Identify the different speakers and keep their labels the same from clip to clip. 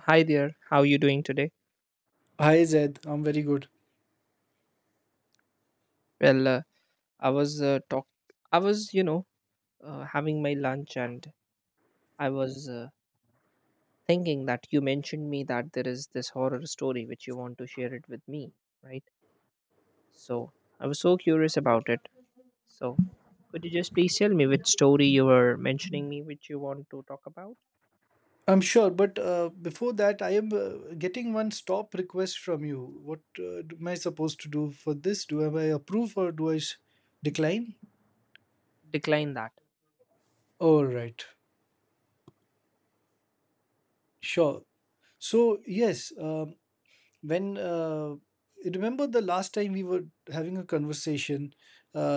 Speaker 1: Hi there. How you doing today?
Speaker 2: Hi Zed, I'm very good.
Speaker 1: Well, I was talk. I was having my lunch, and I was thinking that you mentioned me that there is this horror story which you want to share it with me, right? So I was so curious about it. So could you just please tell me which story you were mentioning me which you want to talk about?
Speaker 2: I'm sure, but before that, I am getting one stop request from you. What am I supposed to do for this? Do I approve or do I decline?
Speaker 1: Decline that.
Speaker 2: All right, sure. So yes, when remember the last time we were having a conversation,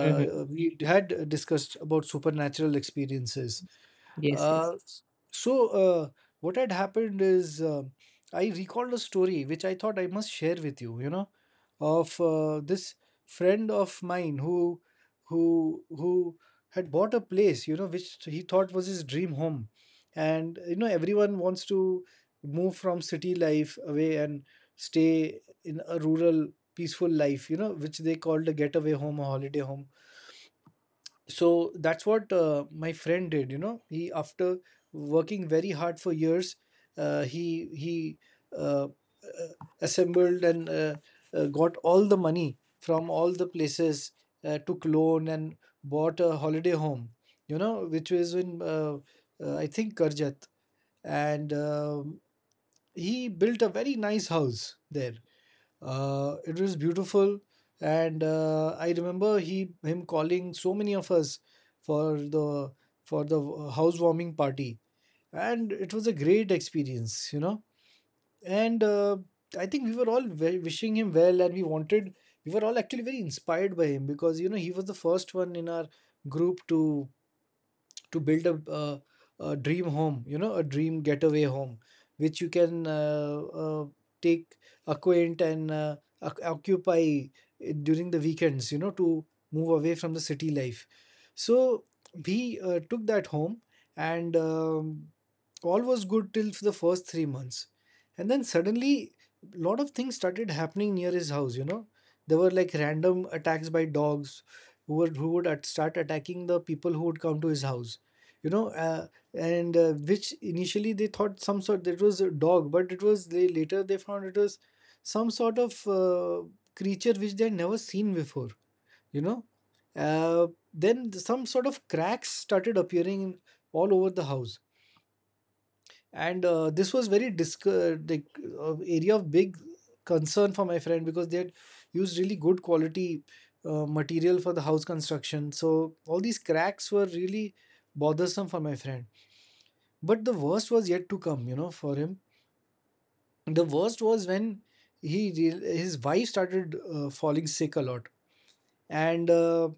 Speaker 1: Mm-hmm.
Speaker 2: we had discussed about supernatural experiences.
Speaker 1: Yes. Yes.
Speaker 2: Uh, so, uh, what had happened is I recalled a story which I thought I must share with you, of this friend of mine who had bought a place, you know, which he thought was his dream home. And you know, everyone wants to move from city life away and stay in a rural, peaceful life, you know, which they called a getaway home, a holiday home. So that's what my friend did, you know. He, after working very hard for years, he uh, uh, assembled and got all the money from all the places, took loan and bought a holiday home, you know, which was in I think Karjat. And he built a very nice house there. It was beautiful. And I remember he him calling so many of us for the housewarming party, and it was a great experience, you know. And I think we were all wishing him well, and we were all actually very inspired by him, because you know he was the first one in our group to build a dream home, you know, a dream getaway home, which you can take, acquaint, and occupy during the weekends, you know, to move away from the city life. So we took that home, and all was good till the first 3 months. And then suddenly, a lot of things started happening near his house, you know. There were like random attacks by dogs who would, start attacking the people who would come to his house, you know and which initially they thought some sort that was a dog, but it was, they later they found it was some sort of creature which they had never seen before, you know. uh, then some sort of cracks started appearing in, all over the house. And this was very like, area of big concern for my friend, because they had used really good quality material for the house construction, so all these cracks were really bothersome for my friend. But the worst was yet to come, you know, for him. The worst was when his wife started falling sick a lot. And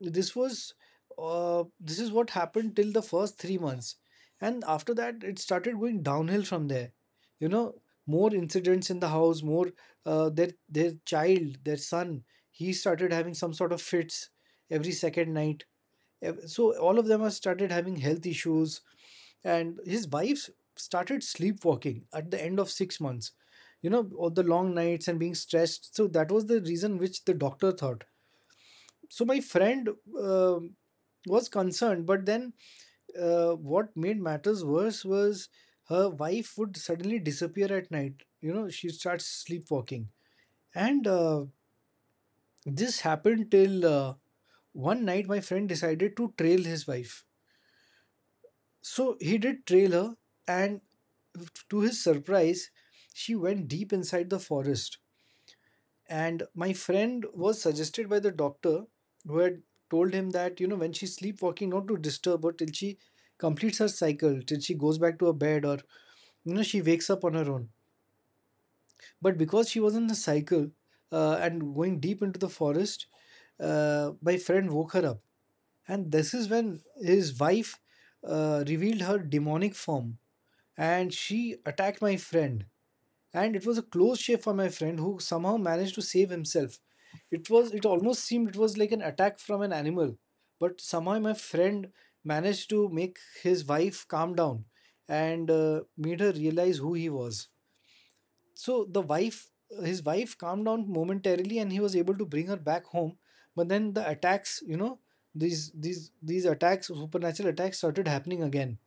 Speaker 2: this was this is what happened till the first 3 months, and after that it started going downhill from there. You know, more incidents in the house, more their child, their son, he started having some sort of fits every second night. So all of them have started having health issues, and his wife started sleepwalking at the end of 6 months, you know, all the long nights and being stressed. So that was the reason which the doctor thought. So my friend um was concerned, but then what made matters worse was her wife would suddenly disappear at night, you know, she starts sleepwalking. And this happened till one night my friend decided to trail his wife. So he did trail her, and to his surprise, she went deep inside the forest. And my friend was suggested by the doctor who had told him that, you know, when she's sleepwalking, not to disturb her till she completes her cycle, till she goes back to her bed or, you know, she wakes up on her own. But because she was in the cycle and going deep into the forest, my friend woke her up. And this is when his wife revealed her demonic form, and she attacked my friend. And it was a close shave for my friend, who somehow managed to save himself. It was, it almost seemed it was like an attack from an animal. But somehow my friend managed to make his wife calm down and made her realize who he was. So the wife his wife calmed down momentarily, and he was able to bring her back home. But then the attacks, you know, these attacks, supernatural attacks started happening again.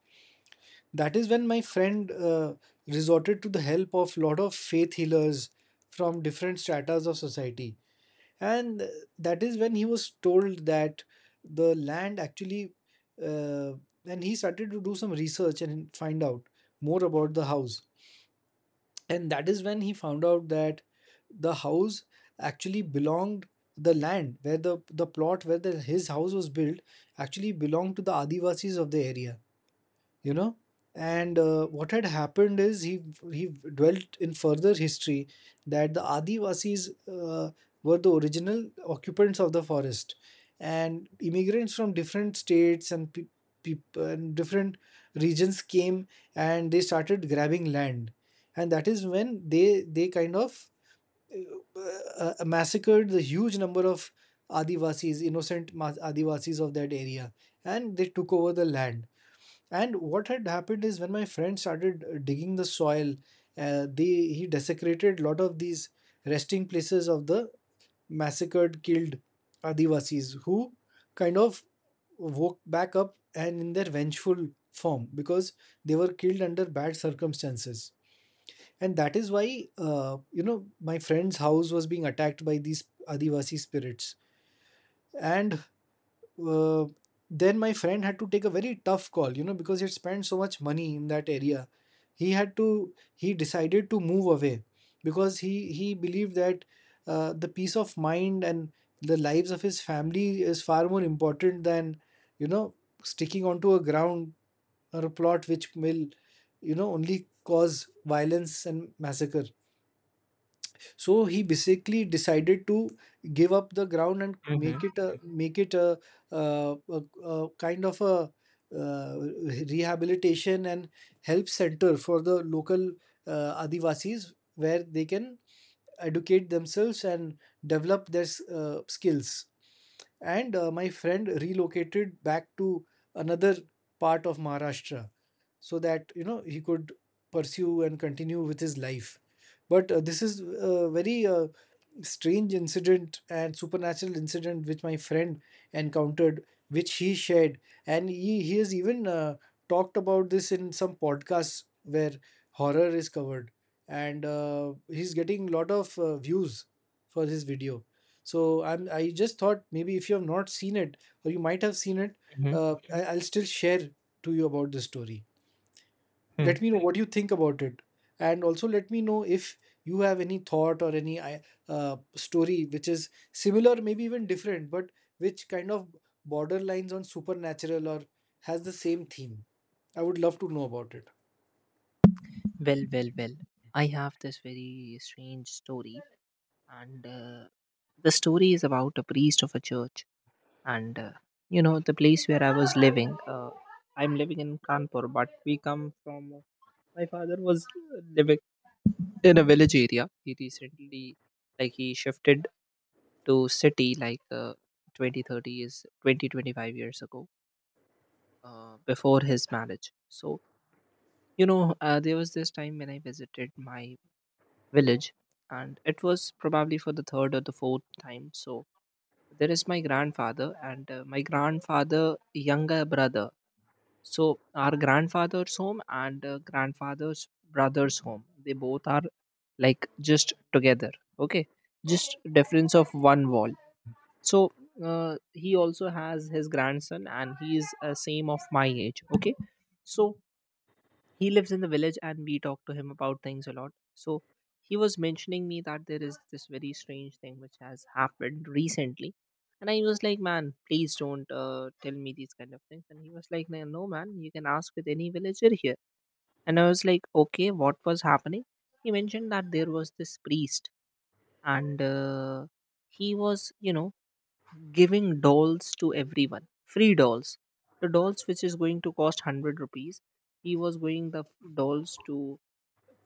Speaker 2: That is when my friend resorted to the help of lot of faith healers from different stratas of society. And that is when he was told that the land actually, uh, and he started to do some research and find out more about the house. And that is when he found out that the house actually belonged, the land where the plot where his house was built actually belonged to the Adivasis of the area, you know. And what had happened is he dwelt in further history that the Adivasis were the original occupants of the forest, and immigrants from different states and and different regions came, and they started grabbing land. And that is when they kind of massacred the huge number of Adivasis, innocent Adivasis of that area, and they took over the land. And what had happened is, when my friend started digging the soil, they he desecrated a lot of these resting places of the massacred, killed Adivasis, who kind of woke back up and in their vengeful form, because they were killed under bad circumstances. And that is why, you know, my friend's house was being attacked by these Adivasi spirits. And uh, then my friend had to take a very tough call, you know, because he had spent so much money in that area. He had to, he decided to move away because he believed that the peace of mind and the lives of his family is far more important than, you know, sticking onto a ground or a plot which will, you know, only cause violence and massacre. So he basically decided to give up the ground and
Speaker 1: Mm-hmm.
Speaker 2: make it a, a kind of a uh, rehabilitation and help center for the local Adivasis, where they can educate themselves and develop their skills. And my friend relocated back to another part of Maharashtra, so that you know he could pursue and continue with his life. But this is a very strange incident and supernatural incident which my friend encountered, which he shared, and he has even talked about this in some podcasts where horror is covered, and he's getting lot of views for his video. So I just thought maybe if you have not seen it or you might have seen it,
Speaker 1: Mm-hmm.
Speaker 2: okay. I'll still share to you about this story.
Speaker 1: Hmm.
Speaker 2: Let me know what you think about it, and also let me know if you have any thought or any uh, story which is similar, maybe even different, but which kind of borderlines on supernatural or has the same theme. I would love to know about it.
Speaker 1: Well, well, well. I have this very strange story, and the story is about a priest of a church, and you know the place where I was living. I'm living in Kanpur, but we come from. My father was living in a village area. He recently, like, he shifted to city like 20, 30 years, twenty twenty five years ago, before his marriage. So there was this time when I visited my village, and it was probably for the third or the fourth time. So there is my grandfather and my grandfather younger brother. So our grandfather's home and grandfather's brother's home, they both are like just together. Okay. Just difference of one wall. So he also has his grandson and he is same of my age. Okay. So he lives in the village and we talk to him about things a lot. So he was mentioning me that there is this very strange thing which has happened recently. And I was like, man, please don't tell me these kind of things. And he was like, no, no, man, you can ask with any villager here. And I was like, okay, what was happening? He mentioned that there was this priest, and he was giving dolls to everyone. Free dolls. The dolls which is going to cost 100 rupees, he was going the dolls to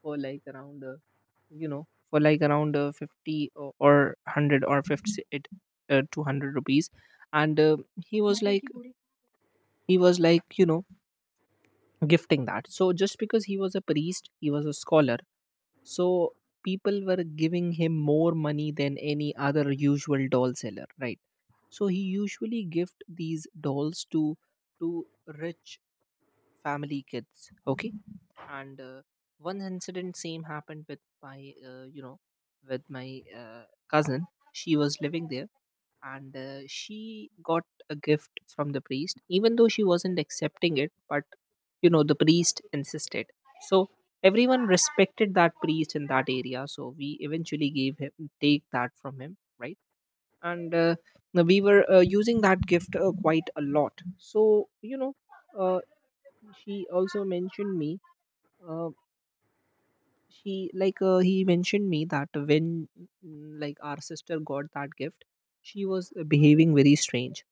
Speaker 1: for like around for like around 50 or, 100 or 50 it, 200 rupees. And he was like, you know, gifting that. So just because he was a priest, he was a scholar, so people were giving him more money than any other usual doll seller, right? So he usually gift these dolls to to rich family kids. Okay. And one incident same happened with my you know with my cousin. She was living there, and she got a gift from the priest, even though she wasn't accepting it, but the priest insisted. So everyone respected that priest in that area, so we eventually gave him take that from him, right? And we were using that gift quite a lot. So uh, she also mentioned me, uh, she like he mentioned me that when, like, our sister got that gift, she was behaving very strange.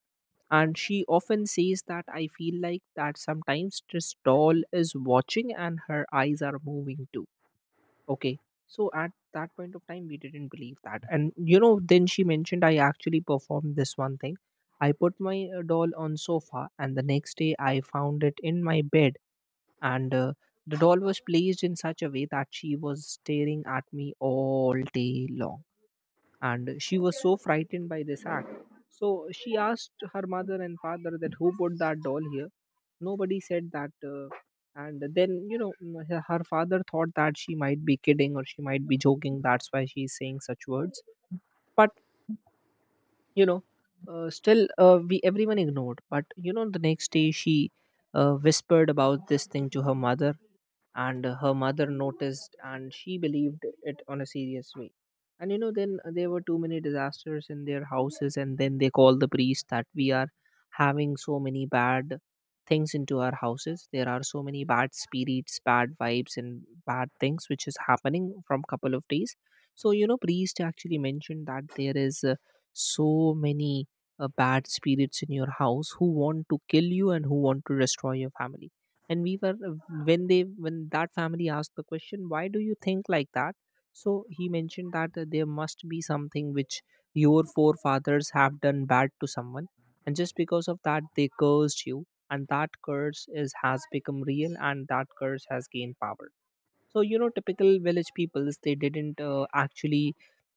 Speaker 1: And she often says that I feel like that sometimes this doll is watching and her eyes are moving too. Okay. So at that point of time we didn't believe that. And then she mentioned, I actually performed this one thing. I put my doll on sofa and the next day I found it in my bed. And the doll was placed in such a way that she was staring at me all day long, and she was so frightened by this act. So she asked her mother and father that, who put that doll here? Nobody said that. And then her father thought that she might be kidding or she might be joking, that's why she's saying such words. But you know still we everyone ignored. But the next day she whispered about this thing to her mother. And her mother noticed and she believed it on a serious way. And then there were too many disasters in their houses, and then they called the priest that, we are having so many bad things into our houses, there are so many bad spirits, bad vibes and bad things which is happening from couple of days. So priest actually mentioned that there is so many bad spirits in your house who want to kill you and who want to destroy your family. And we were when they, when that family asked the question, why do you think like that? So he mentioned that there must be something which your forefathers have done bad to someone, and just because of that they cursed you. And that curse is has become real and that curse has gained power. So typical village peoples, they didn't actually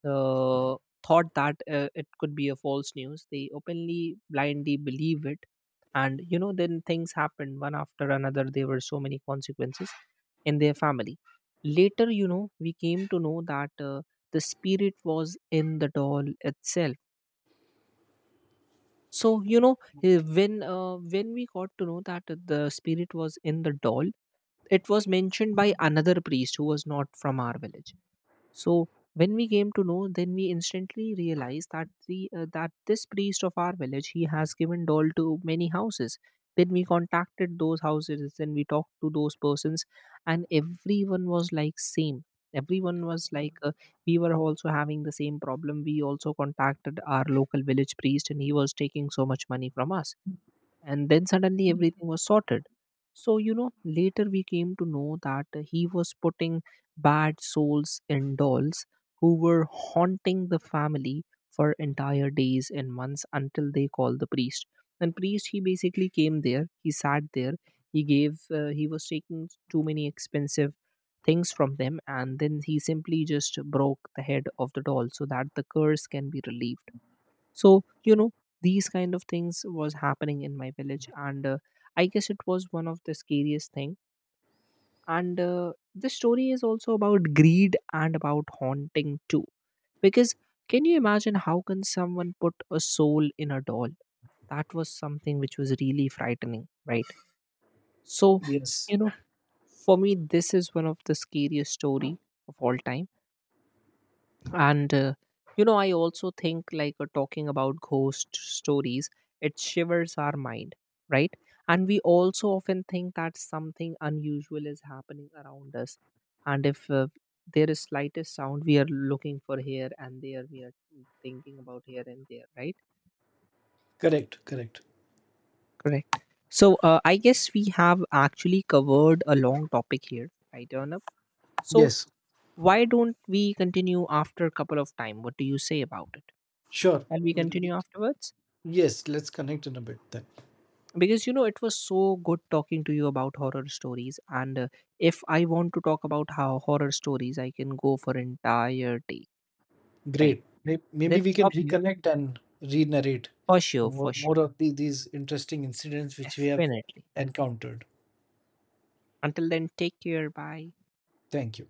Speaker 1: uh, thought that it could be a false news, they openly blindly believe it. And then things happened one after another. There were so many consequences in their family. Later, we came to know that the spirit was in the doll itself. So when we got to know that the spirit was in the doll, it was mentioned by another priest who was not from our village. So when we came to know, then we instantly realized that the that this priest of our village, he has given doll to many houses. Then we contacted those houses, then we talked to those persons, and everyone was like same. Everyone was like, we were also having the same problem. We also contacted our local village priest, and he was taking so much money from us, and then suddenly everything was sorted. So later we came to know that he was putting bad souls in dolls who were haunting the family for entire days and months until they called the priest. And priest, he basically came there, he sat there, he gave he was taking too many expensive things from them, and then he simply just broke the head of the doll so that the curse can be relieved. So these kind of things was happening in my village. And I guess it was one of the scariest thing. And the story is also about greed and about haunting too, because can you imagine how can someone put a soul in a doll? That was something which was really frightening, right? So
Speaker 2: Yes,
Speaker 1: you know for me this is one of the scariest story of all time. And I also think like, talking about ghost stories, it shivers our mind, right? And we also often think that something unusual is happening around us. And if there is slightest sound, we are looking for here and there, we are thinking about here and there, right?
Speaker 2: correct, correct.
Speaker 1: Correct. So I guess we have actually covered a long topic here, right? Turn up. So
Speaker 2: Yes,
Speaker 1: why don't we continue after a couple of time? What do you say about it?
Speaker 2: sure.
Speaker 1: Shall we
Speaker 2: Will
Speaker 1: continue
Speaker 2: we-
Speaker 1: afterwards?
Speaker 2: yes, let's connect in a bit then.
Speaker 1: Because it was so good talking to you about horror stories. And if I want to talk about how horror stories, I can go for entire day. Right.
Speaker 2: Great. Maybe
Speaker 1: Let's
Speaker 2: we can
Speaker 1: stop here.
Speaker 2: reconnect and re-narrate
Speaker 1: For sure,
Speaker 2: more,
Speaker 1: for sure.
Speaker 2: these interesting incidents which we have
Speaker 1: Definitely.
Speaker 2: encountered.
Speaker 1: Until then, take care. Bye.
Speaker 2: Thank you.